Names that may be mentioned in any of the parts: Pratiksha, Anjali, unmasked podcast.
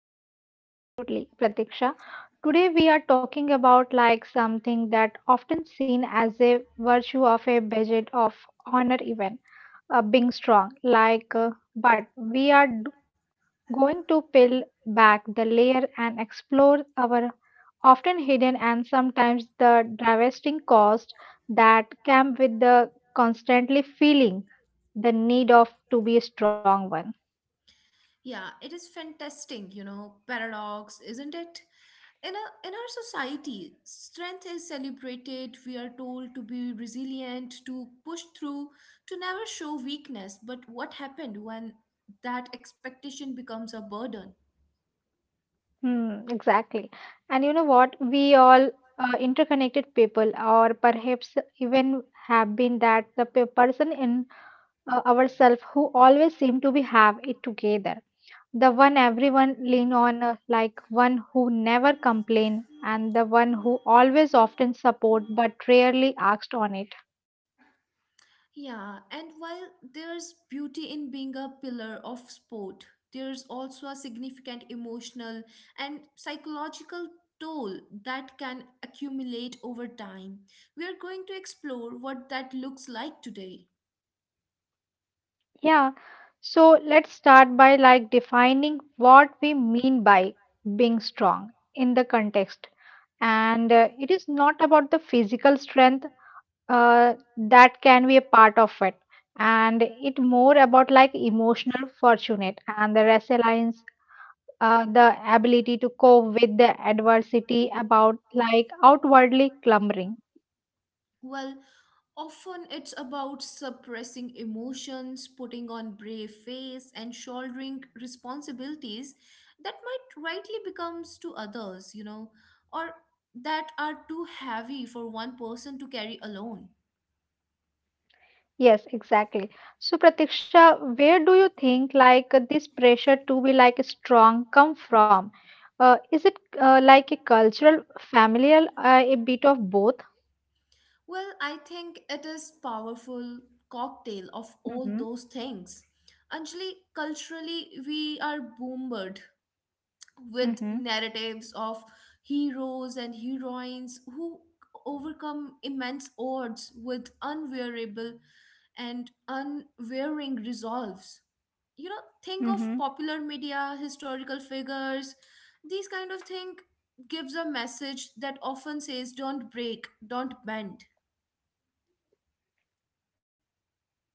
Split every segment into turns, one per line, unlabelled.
Yes, absolutely, Pratiksha. Today we are talking about like something that often seen as a virtue of a budget of honor even, being strong like, but we are going to peel back the layer and explore our often hidden and sometimes the devastating cost that come with the constantly feeling the need of to be a strong one.
Yeah, it is fantastic, paradox, isn't it? In our society, strength is celebrated. We are told to be resilient, to push through, to never show weakness. But what happened when that expectation becomes a burden?
Hmm, exactly. And you know what? We all, interconnected people, or perhaps even have been that the person in, ourselves who always seem to be have it together, the one everyone lean on, like one who never complain and the one who always often support but rarely asked on it.
Yeah, and while there's beauty in being a pillar of sport, there's also a significant emotional and psychological toll that can accumulate over time. We are going to explore what that looks like today.
Yeah, so let's start by like defining what we mean by being strong in the context, and it is not about the physical strength, that can be a part of it, and it more about like emotional fortunate and the resilience, the ability to cope with the adversity about like outwardly clamoring.
Well, often it's about suppressing emotions, putting on brave face, and shouldering responsibilities that might rightly becomes to others, or that are too heavy for one person to carry alone.
Yes, exactly. So Pratiksha, where do you think like this pressure to be like strong come from? Is it like a cultural, familial, a bit of both?
Well, I think it is powerful cocktail of all
Mm-hmm.
those things. Anjali, culturally, we are bombarded with
Mm-hmm.
narratives of heroes and heroines who overcome immense odds with unwearable and unwearing resolves. Think of
Mm-hmm.
popular media, historical figures. These kind of thing gives a message that often says don't break, don't bend.
Yes, you are right.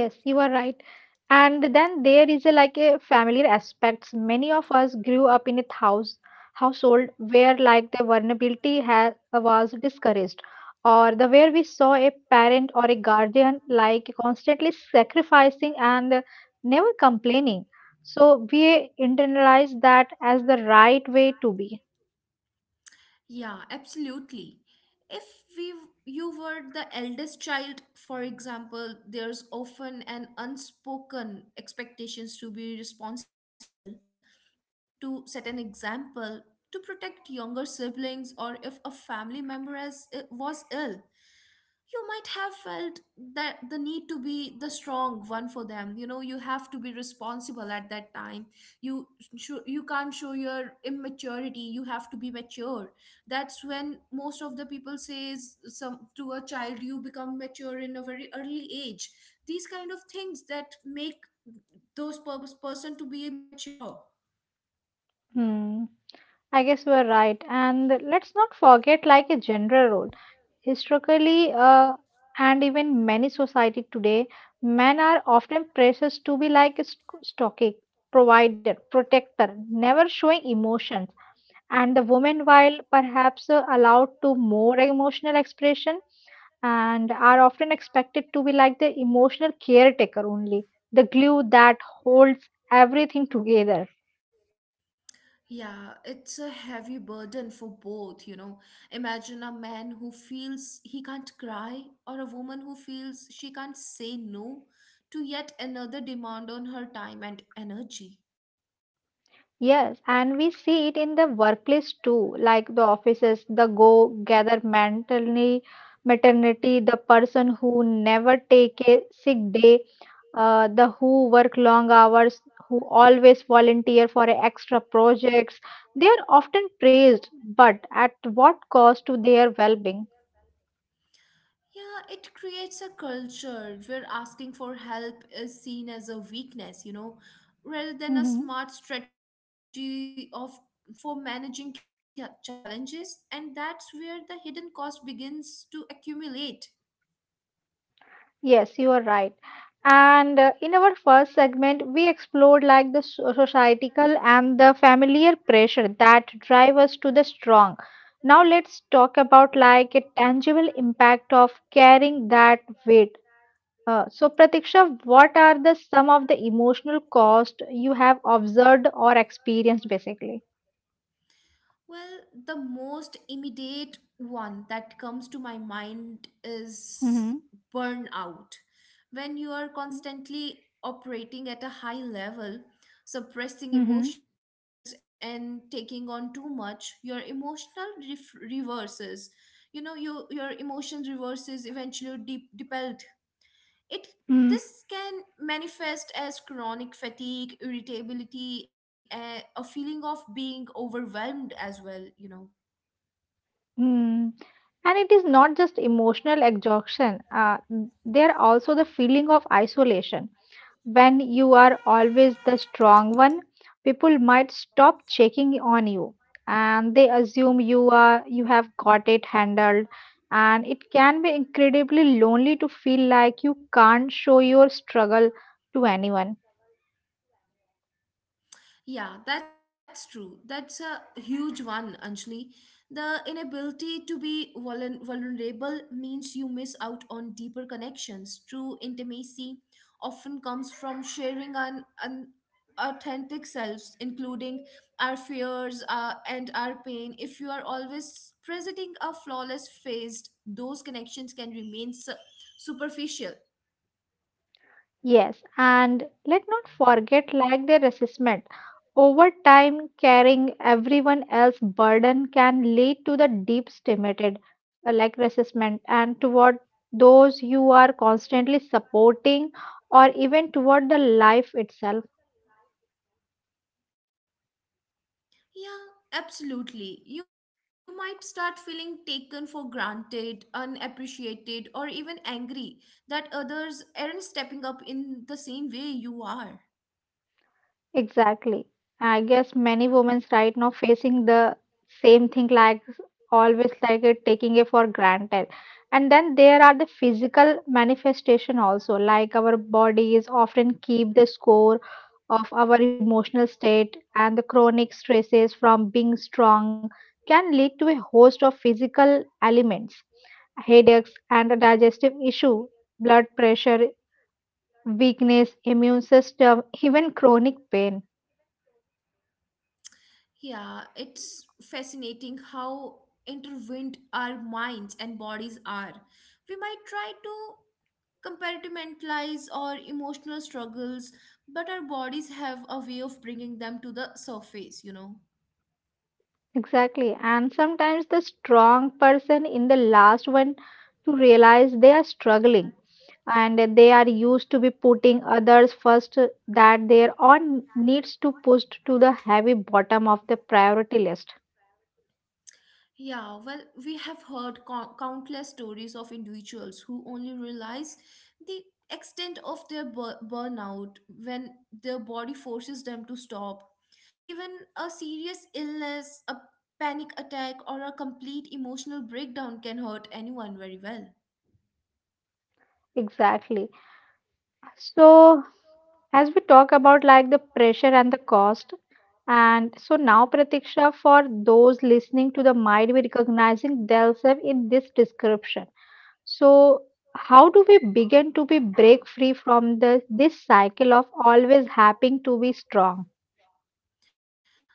And then there is a like a familiar aspects. Many of us grew up in a household where like the vulnerability has was discouraged, or the where we saw a parent or a guardian like constantly sacrificing and, never complaining. So we internalize that as the right way to be.
Yeah, absolutely. If we you were the eldest child, for example, there's often an unspoken expectations to be responsible, to set an example, to protect younger siblings, or if a family member as was ill, you might have felt that the need to be the strong one for them. You have to be responsible at that time. You sh- you can't show your immaturity. You have to be mature. That's when most of the people says some to a child, you become mature in a very early age. These kind of things that make those purpose person to be mature.
Hmm. I guess we're right. And let's not forget like a general role. Historically, and even many society today, men are often praised to be like a stoic, provider, protector, never showing emotions, and the women, while perhaps allowed to more emotional expression, and are often expected to be like the emotional caretaker only, the glue that holds everything together.
Yeah, it's a heavy burden for both. Imagine a man who feels he can't cry, or a woman who feels she can't say no to yet another demand on her time and energy.
Yes, and we see it in the workplace too, like the offices, the go gather maternity, maternity, the person who never take a sick day, the who work long hours, who always volunteer for extra projects. They are often praised, but at what cost to their well-being?
Yeah, it creates a culture where asking for help is seen as a weakness, rather than a
Mm-hmm.
smart strategy of for managing challenges, and that's where the hidden cost begins to accumulate.
Yes, you are right. And in our first segment, we explored like the societal and the familiar pressure that drive us to the strong. Now let's talk about like a tangible impact of carrying that weight. So Pratiksha, what are the some of the emotional cost you have observed or experienced basically?
Well, the most immediate one that comes to my mind
Mm-hmm.
is burnout. When you are constantly operating at a high level, suppressing
Mm-hmm.
emotions and taking on too much, your emotional reverses. Your emotion reverses eventually depelled. It This can manifest as chronic fatigue, irritability, a feeling of being overwhelmed as well.
Mm. And it is not just emotional exhaustion, there also the feeling of isolation. When you are always the strong one, people might stop checking on you and they assume you have got it handled, and it can be incredibly lonely to feel like you can't show your struggle to anyone.
Yeah, that's true. That's a huge one, Anjali. The inability to be vulnerable means you miss out on deeper connections. True intimacy often comes from sharing an authentic selves, including our fears and our pain. If you are always presenting a flawless face, those connections can remain superficial.
Yes, and let not forget like their resistment. Over time, carrying everyone else's burden can lead to the deep stimulated, like resistment and toward those you are constantly supporting or even toward the life itself.
Yeah, absolutely. You might start feeling taken for granted, unappreciated, or even angry that others aren't stepping up in the same way you are.
Exactly. I guess many women right now facing the same thing like always like it taking it for granted. And then there are the physical manifestation also, like our bodies often keep the score of our emotional state and the chronic stresses from being strong can lead to a host of physical ailments, headaches and a digestive issue, blood pressure, weakness, immune system, even chronic pain.
Yeah, it's fascinating how intertwined our minds and bodies are. We might try to compartmentalize our emotional struggles, but our bodies have a way of bringing them to the surface.
Exactly. And sometimes the strong person in the last one to realize they are struggling, and that they are used to be putting others first, that their own needs to push to the heavy bottom of the priority list.
Yeah, well, we have heard countless stories of individuals who only realize the extent of their burnout when their body forces them to stop. Even a serious illness, a panic attack, or a complete emotional breakdown can hurt anyone very well.
Exactly. So as we talk about like the pressure and the cost, and so now Pratiksha, for those listening to the might be recognizing themselves in this description. So, how do we begin to be break free from the this cycle of always having to be strong?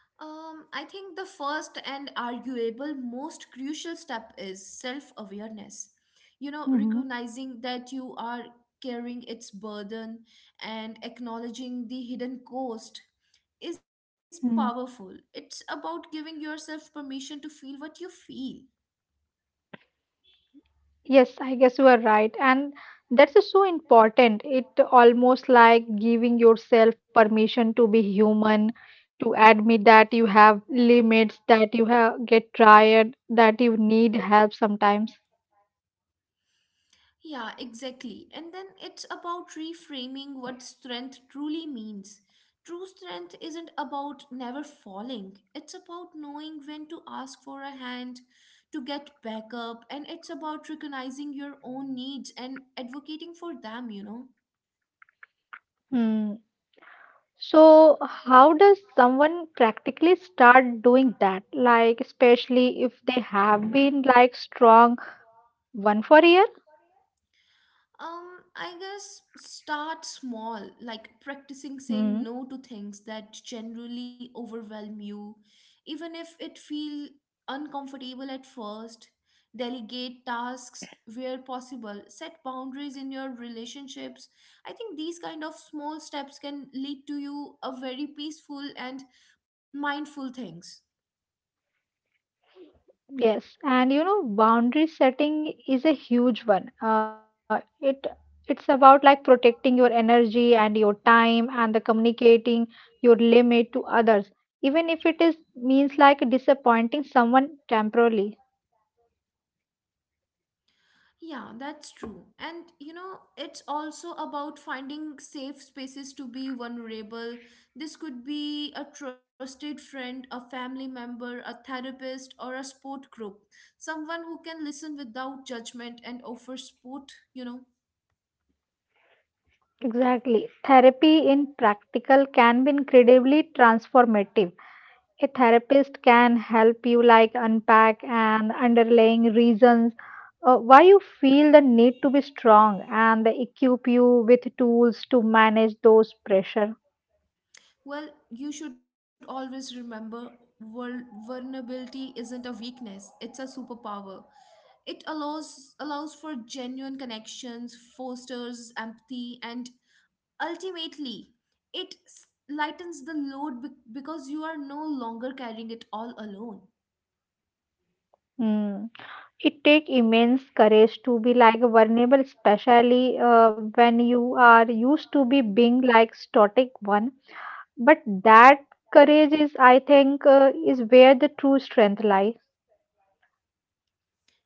I think the first and arguable most crucial step is self awareness. You know,
Mm-hmm.
recognizing that you are carrying its burden and acknowledging the hidden cost is
Mm.
powerful. It's about giving yourself permission to feel what you feel.
Yes, I guess you are right, and that's just so important. It almost like giving yourself permission to be human, to admit that you have limits, that you have get tired, that you need help sometimes.
Yeah, exactly. And then it's about reframing what strength truly means. True strength isn't about never falling, it's about knowing when to ask for a hand, to get back up, and it's about recognizing your own needs and advocating for them.
Hmm. So, how does someone practically start doing that? Like, especially if they have been like strong one for a year?
I guess start small, like practicing
Hmm.
saying no to things that generally overwhelm you, even if it feel uncomfortable at first. Delegate tasks where possible, set boundaries in your relationships. I think these kind of small steps can lead to you a very peaceful and mindful things.
Yes, and you know, boundary setting is a huge one. It's about like protecting your energy and your time and the communicating your limit to others, even if it is means like disappointing someone temporarily.
Yeah, that's true. And it's also about finding safe spaces to be vulnerable. This could be a trusted friend, a family member, a therapist, or a sport group. Someone who can listen without judgment and offer support.
Exactly. Therapy in practical can be incredibly transformative. A therapist can help you like unpack and underlying reasons, why you feel the need to be strong and they equip you with tools to manage those pressure.
Well, you should always remember vulnerability isn't a weakness, it's a superpower. It allows for genuine connections, fosters empathy, and ultimately, it lightens the load because you are no longer carrying it all alone.
Hmm. It takes immense courage to be like vulnerable, especially when you are used to be being like static one. But that courage is, I think, is where the true strength lies.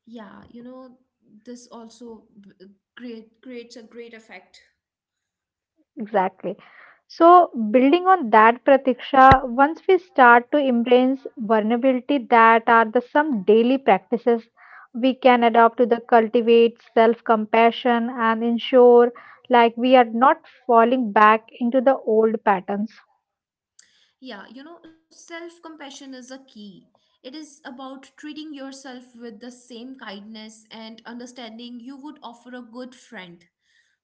Yeah, this also creates a great effect.
Exactly. So, building on that, Pratiksha, once we start to embrace vulnerability, that are the some daily practices we can adopt to the cultivate self-compassion and ensure like we are not falling back into the old patterns.
Yeah, self compassion is a key. It is about treating yourself with the same kindness and understanding you would offer a good friend.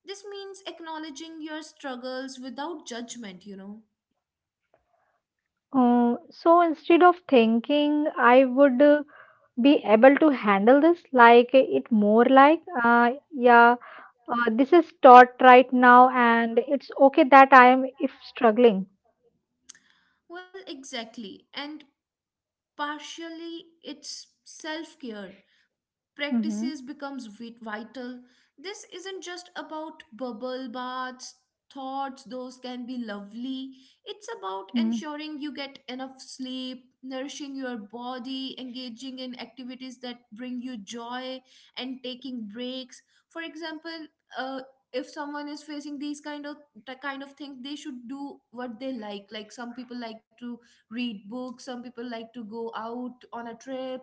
This means acknowledging your struggles without judgment.
So instead of thinking, I would be able to handle this, like it more like, yeah, this is taught right now and it's okay that I am if struggling.
Well, exactly. And partially it's self care
Mm-hmm.
practices becomes vital. This isn't just about bubble baths thoughts, those can be lovely. It's about
Mm.
ensuring you get enough sleep, nourishing your body, engaging in activities that bring you joy, and taking breaks. For example, uh, if someone is facing the kind of thing, they should do what they like some people like to read books, some people like to go out on a trip,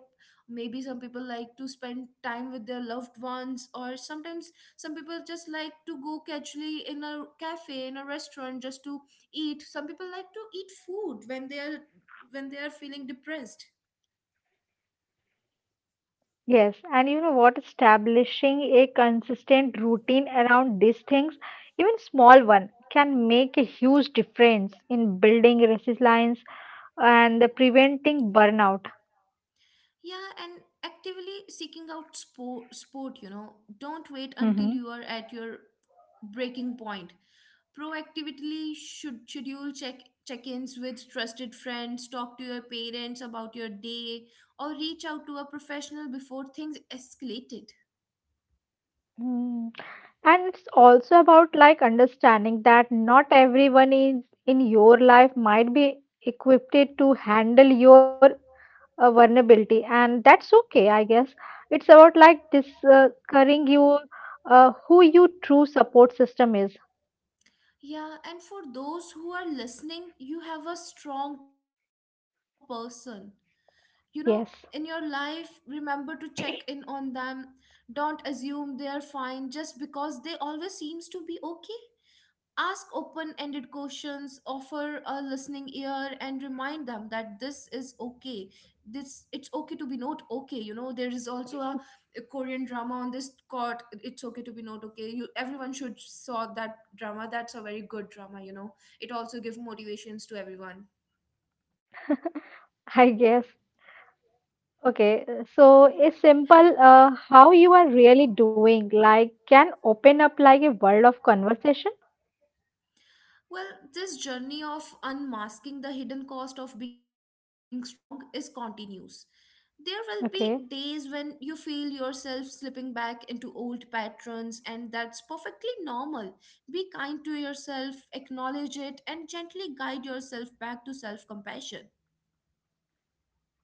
maybe some people like to spend time with their loved ones, or sometimes some people just like to go casually in a cafe in a restaurant just to eat. Some people like to eat food when they are feeling depressed.
Yes, and you know what? Establishing a consistent routine around these things, even small one, can make a huge difference in building resilience and preventing burnout.
Yeah, and actively seeking out sport, don't wait until
Mm-hmm.
you are at your breaking point. Proactively should schedule check-ins with trusted friends, talk to your parents about your day, or reach out to a professional before things escalated.
Mm. And it's also about like understanding that not everyone is in your life might be equipped to handle your a vulnerability, and that's okay, I guess. It's about like discovering you, who your true support system is.
Yeah, and for those who are listening, you have a strong person you know in your life.
Yes.
Remember to check in on them. Don't assume they are fine just because they always seems to be okay. Ask open ended questions, offer a listening ear, and remind them that this is okay. This it's okay to be not okay. There is also a Korean drama on this court. It's okay to be not okay. You everyone should saw that drama. That's a very good drama. It also give motivations to everyone.
I guess, okay, so a simple, how you are really doing like can open up like a world of conversation.
Well, this journey of unmasking the hidden cost of being strong is continuous. There will be days
Okay.
when you feel yourself slipping back into old patterns, and that's perfectly normal. Be kind to yourself, acknowledge it, and gently guide yourself back to self compassion.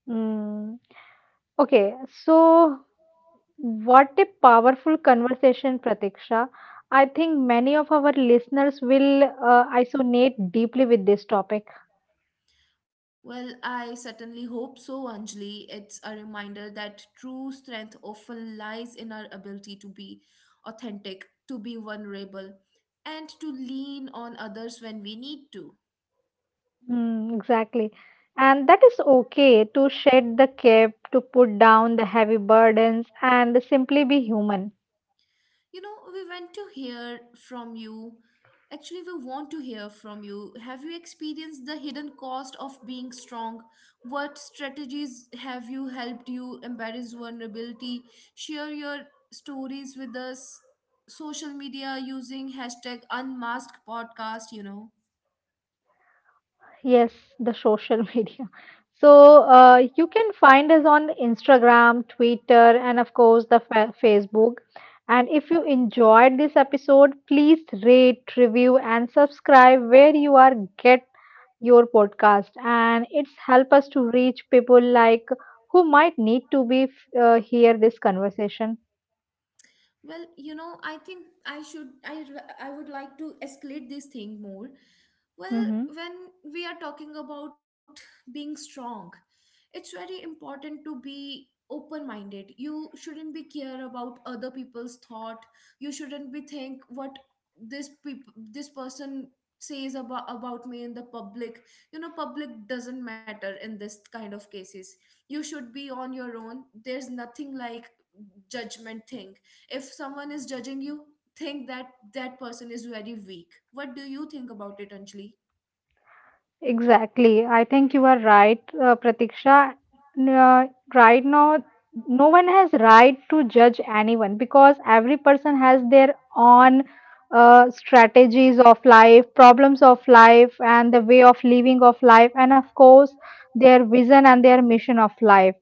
Mm. Okay. So what a powerful conversation, Pratiksha. I think many of our listeners will, resonate deeply with this topic.
Well, I certainly hope so, Anjali. It's a reminder that true strength often lies in our ability to be authentic, to be vulnerable, and to lean on others when we need to.
Mm, exactly. And that is okay to shed the cape, to put down the heavy burdens, and simply be human.
We want to hear from you. Actually, we want to hear from you. Have you experienced the hidden cost of being strong? What strategies have you helped you embrace vulnerability? Share your stories with us social media using hashtag unmasked podcast.
Yes, the social media. So you can find us on Instagram, Twitter, and of course the Facebook. And if you enjoyed this episode, please rate, review, and subscribe where you are get your podcast. And it's help us to reach people like who might need to be hear this conversation.
Well, I think I should I r- I would like to escalate this thing more. Well,
Hmm.
when we are talking about being strong, it's very important to be open-minded. You shouldn't be care about other people's thought. You shouldn't be think what this person says about me in the public. Public doesn't matter in this kind of cases. You should be on your own. There's nothing like judgment thing if someone is judging you, think that that person is very weak. What do you think about it, Anjali?
Exactly. I think you are right, Pratiksha. N- Uh, right now, no one has right to judge anyone because every person has their own, strategies of life, problems of life, and the way of living of life, and of course, their vision and their mission of life.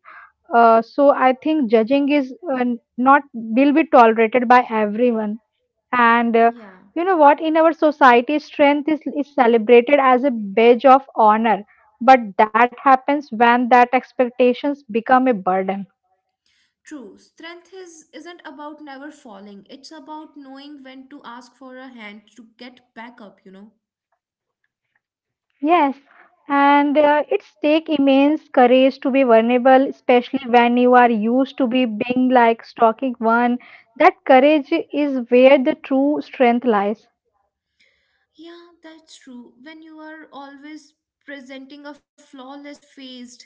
So I think judging is, not will be tolerated by everyone. And
Yeah.
you know what? In our society, strength is celebrated as a badge of honor. But that happens when that expectations become a burden.
True, strength is isn't about never falling. It's about knowing when to ask for a hand to get back up.
Yes. And it's take immense courage to be vulnerable, especially when you are used to be being like stalking one. That courage is where the true strength lies.
Yeah, that's true. When you are always presenting a flawless face,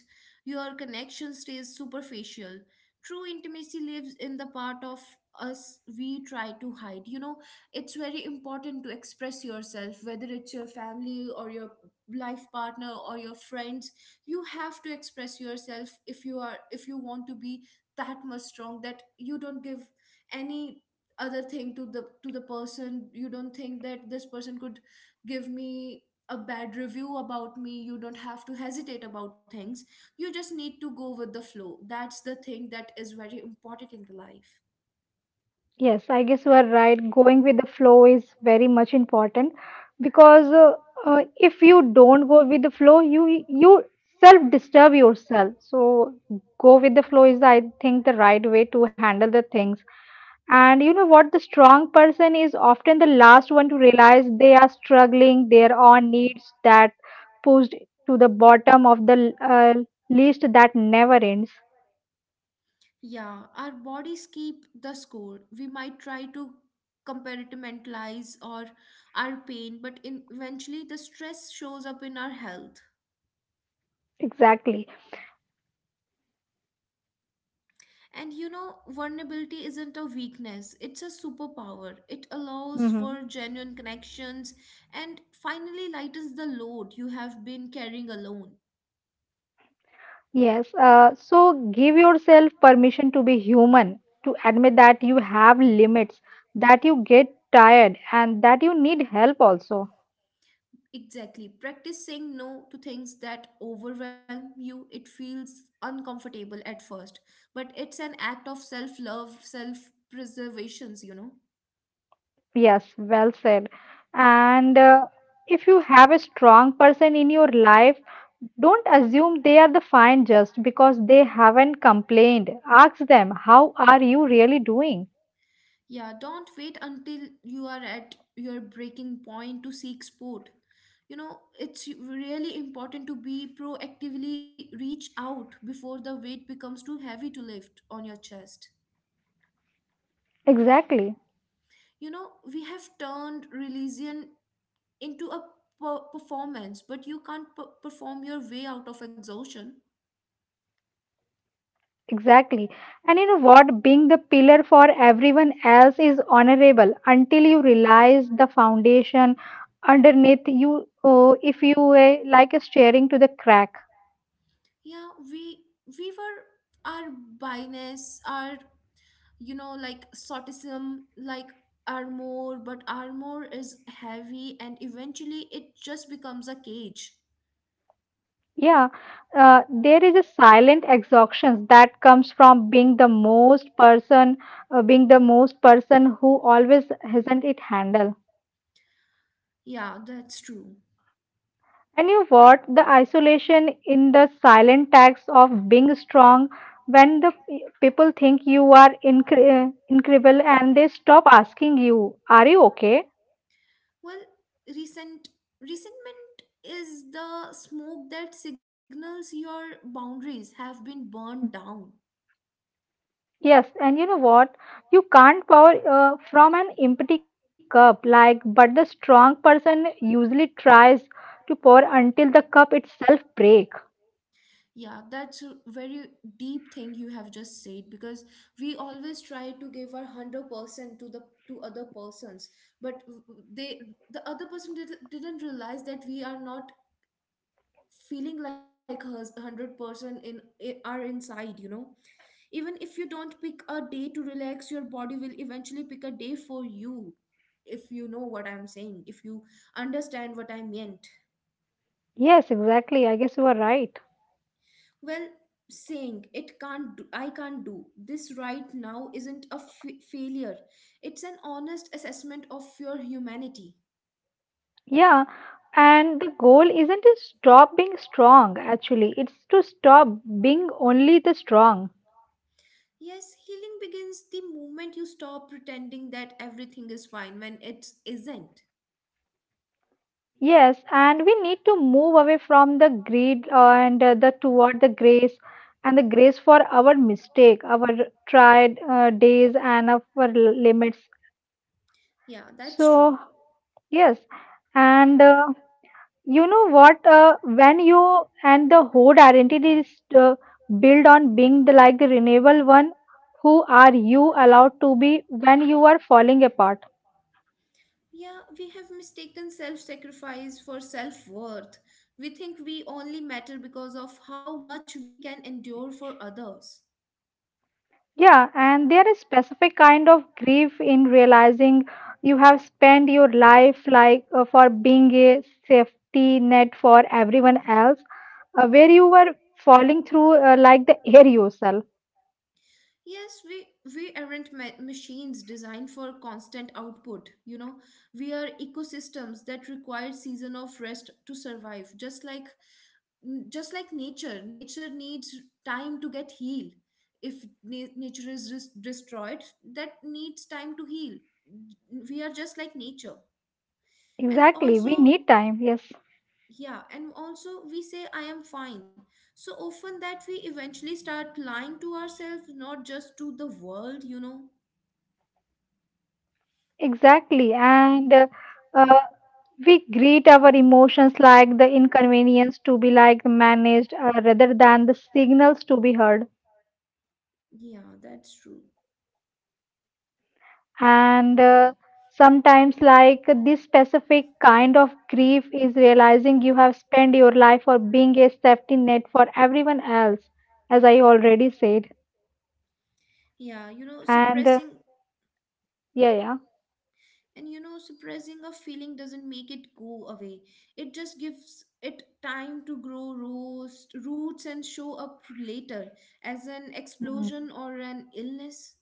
your connection stays superficial. True intimacy lives in the part of us we try to hide. It's very important to express yourself, whether it's your family or your life partner or your friends. You have to express yourself if you want to be that much strong that you don't give any other thing to the person. You don't think that this person could give me a bad review about me. You don't have to hesitate about things. You just need to go with the flow. That's the thing that is very important in the life.
Yes, I guess you are right. Going with the flow is very much important because, if you don't go with the flow, you self disturb yourself. So go with the flow is, I think, the right way to handle the things. And you know what? The strong person is often the last one to realize they are struggling. Their own needs that pushed to the bottom of the, list that never ends.
Yeah, our bodies keep the score. We might try to compartmentalize or our pain, but eventually the stress shows up in our health.
Exactly.
And vulnerability isn't a weakness, it's a superpower. It allows
Mm-hmm.
for genuine connections and finally lightens the load you have been carrying alone.
Yes, so give yourself permission to be human, to admit that you have limits, that you get tired, and that you need help also.
Exactly. Practice saying no to things that overwhelm you. It feels uncomfortable at first, but it's an act of self love, self preservations, you know.
Yes, well said. And if you have a strong person in your life, don't assume they are the fine just because they haven't complained. Ask them, how are you really doing?
Yeah, don't wait until you are at your breaking point to seek support. You know, it's really important to be proactively reach out before the weight becomes too heavy to lift on your chest.
Exactly.
You know, we have turned religion into a performance, but you can't perform your way out of exhaustion.
Exactly. And you know what? Being the pillar for everyone else is honorable until you realize the foundation underneath you. Oh, if you were like a staring to the crack.
Yeah, we were our bias, our you know like sortism like armor, but armor is heavy and eventually it just becomes a cage.
Yeah. There is a silent exhaustion that comes from being the most person, being the most person who always hasn't it handled.
Yeah, that's true.
And you what? The isolation in the silent tax of being strong when the people think you are incredible and they stop asking you, are you okay?
Well, resent resentment is the smoke that signals your boundaries have been burned down.
Yes, and you know what? You can't pour from an empty cup, like, but the strong person usually tries to pour until the cup itself break.
Yeah, that's a very deep thing you have just said, because we always try to give our 100% to the to other persons, but they the other person didn't realize that we are not feeling like hers 100% in are inside, you know. Even if you don't pick a day to relax, your body will eventually pick a day for you, if you know what I'm saying, if you understand what I meant.
Yes, exactly. I guess you are right.
Well, saying it can't do, I can't do this right now isn't a failure, it's an honest assessment of your humanity.
Yeah, and the goal isn't to stop being strong, actually, it's to stop being only the strong.
Yes, healing begins the moment you stop pretending that everything is fine when it isn't.
Yes, and we need to move away from the greed and the toward the grace and the grace for our mistake, our tried days, and our limits.
Yeah, that's
So,
true.
yes, and You know what? When you and the whole identity is uh, built on being the, like the renewable one, who are you allowed to be when you are falling apart?
Yeah, we have mistaken self sacrifice for self worth. We think we only matter because of how much we can endure for others.
Yeah, and there is specific kind of grief in realizing you have spent your life like for being a safety net for everyone else, where you were falling through like the air yourself.
Yes, we aren't machines designed for constant output. You know, we are ecosystems that require season of rest to survive. Just like nature, nature needs time to get healed. If nature is destroyed, that needs time to heal. We are just like nature. And
Exactly, we
also,
need time. Yes,
yeah, and also we say I am fine so often that we eventually start lying to ourselves, not just to the world, you know.
exactly, and. Uh, We greet our emotions like the inconvenience to be like managed rather than the signals to be heard.
Yeah, that's true.
And sometimes, like this specific kind of grief is realizing you have spent your life for being a safety net for everyone else, as I already said.
Yeah you know
And
suppressing
yeah, yeah.
And you know, suppressing a feeling doesn't make it go away, it just gives it time to grow roots and show up later as an
Mm.
explosion or an illness.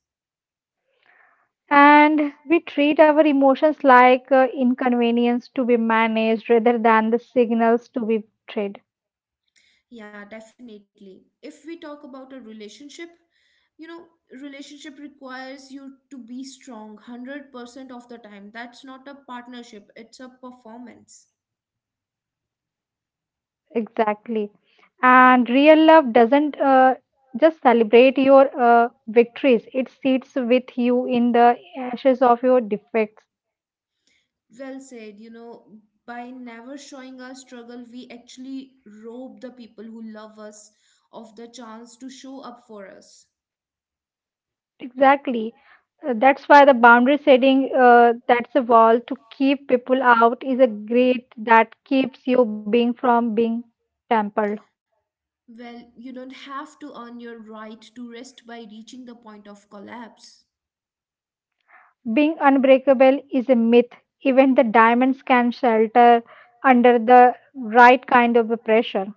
And we treat our emotions like inconvenience to be managed rather than the signals to be treated.
Yeah, definitely. If we talk about a relationship, you know, relationship requires you to be strong 100% of the time. That's not a partnership, it's a performance.
Exactly. And real love doesn't just celebrate your victories, it sits with you in the ashes of your defects.
Well said, you know, by never showing our struggle, we actually rob the people who love us of the chance to show up for us.
Exactly. That's why the boundary setting, that's a wall to keep people out, is a gate that keeps you being from being tampered.
Well, you don't have to earn your right to rest by reaching the point of collapse.
Being unbreakable is a myth. Even the diamonds can shelter under the right kind of a pressure.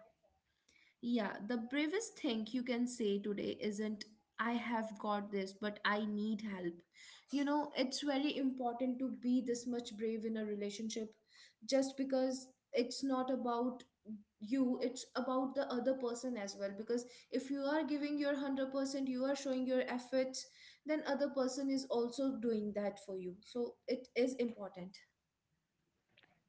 Yeah, the bravest thing you can say today isn't, I have got this, but I need help. You know, it's very important to be this much brave in a relationship, just because it's not about you, it's about the other person as well. Because if you are giving your 100%, you are showing your efforts, then other person is also doing that for you. So it is important.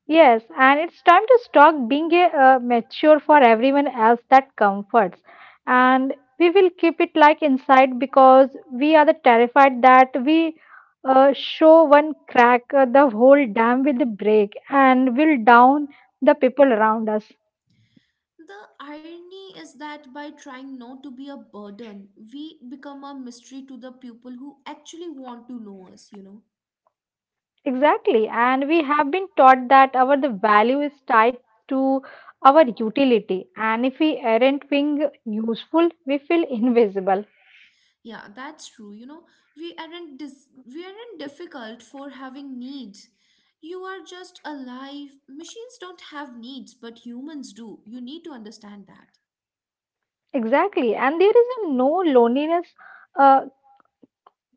Yes, and it's time to stop being a, mature for everyone else that comforts. And we will keep it like inside because we are the terrified that we show one crack, the whole dam will break and will down the people around us.
The irony is that by trying not to be a burden, we become a mystery to the people who actually want to know us, you know.
Exactly. And we have been taught that our the value is tied to our utility. And if we aren't being useful, we feel invisible.
Yeah, that's true. You know, we aren't we aren't difficult for having needs. You are just alive. Machines don't have needs, but humans do. You need to understand that.
Exactly, and there is a no loneliness, uh,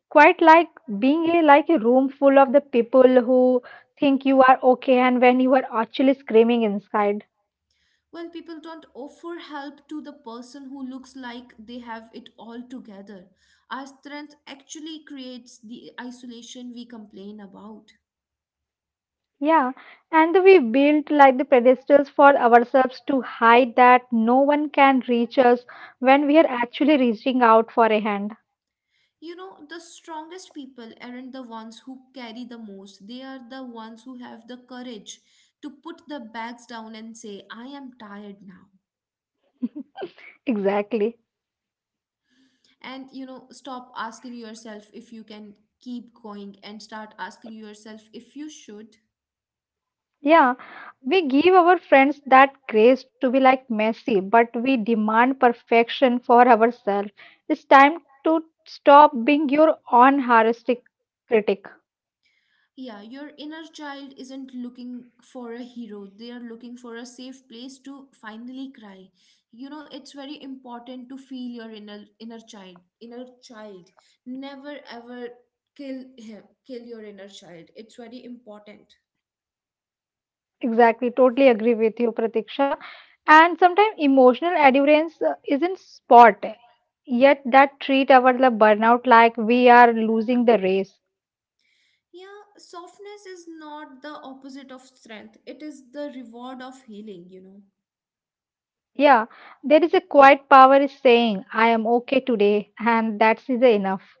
quite like being a like a room full of the people who think you are okay, and when you are actually screaming inside.
Well, people don't offer help to the person who looks like they have it all together. Our strength actually creates the isolation we complain about.
Yeah, and we built like the pedestals for ourselves to hide that no one can reach us when we are actually reaching out for a hand.
You know, the strongest people aren't the ones who carry the most, they are the ones who have the courage to put the bags down and say I am tired now.
Exactly.
And you know, stop asking yourself if you can keep going and start asking yourself if you should.
Yeah, we give our friends that grace to be like messy, but we demand perfection for ourselves. It's time to stop being your own heuristic critic.
Yeah, your inner child isn't looking for a hero. They are looking for a safe place to finally cry. You know, it's very important to feel your inner child. Inner child. Never ever kill him. Kill your inner child. It's very important.
Exactly, totally agree with you, Pratiksha. And sometimes emotional endurance isn't spot, yet that treat our the burnout like we are losing the race.
Yeah, softness is not the opposite of strength. It is the reward of healing, you know.
Yeah, there is a quiet power is saying, I am okay today, and that's is enough.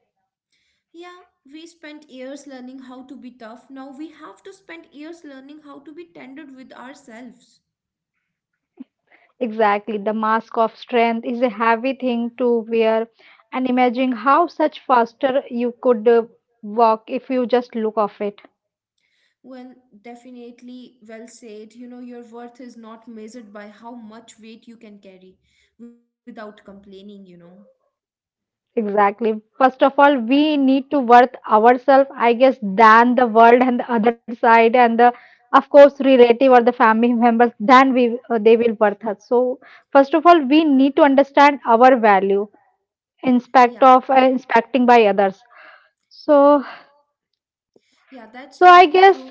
Yeah, we spent years learning how to be tough. Now we have to spend years learning how to be tender with ourselves.
Exactly. The mask of strength is a heavy thing to wear, and imagine how such faster you could walk if you just look of it.
Well, definitely well said. You know, your worth is not measured by how much weight you can carry without complaining, you know.
Exactly. First of all, we need to worth ourselves, I guess, than the world and the other side, and the of course relative or the family members. Then we they will worth us. So first of all, we need to understand our value,
Yeah,
inspect of inspecting by others. So
yeah, that's
so I
totally
guess
true.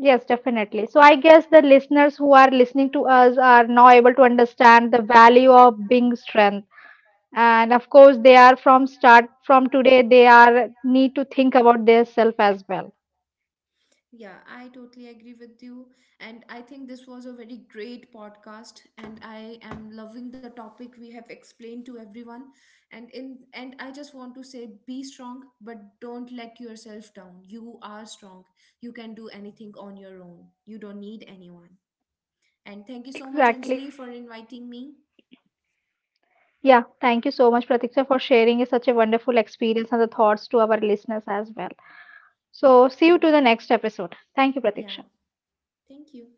yes, definitely. So I guess the listeners who are listening to us are now able to understand the value of being strength. And of course, they are from start from today, they are need to think about their self as well.
Yeah, I totally agree with you. And I think this was a very great podcast and I am loving the topic we have explained to everyone. And in and I just want to say be strong, but don't let yourself down. You are strong. You can do anything on your own. You don't need anyone. And thank you so much,
Exactly.
Anjali, for inviting me.
Yeah, thank you so much, Pratiksha, for sharing such a wonderful experience and the thoughts to our listeners as well. So see
All
you to
right.
the next episode. Thank you,
Yeah.
Pratiksha.
Thank you.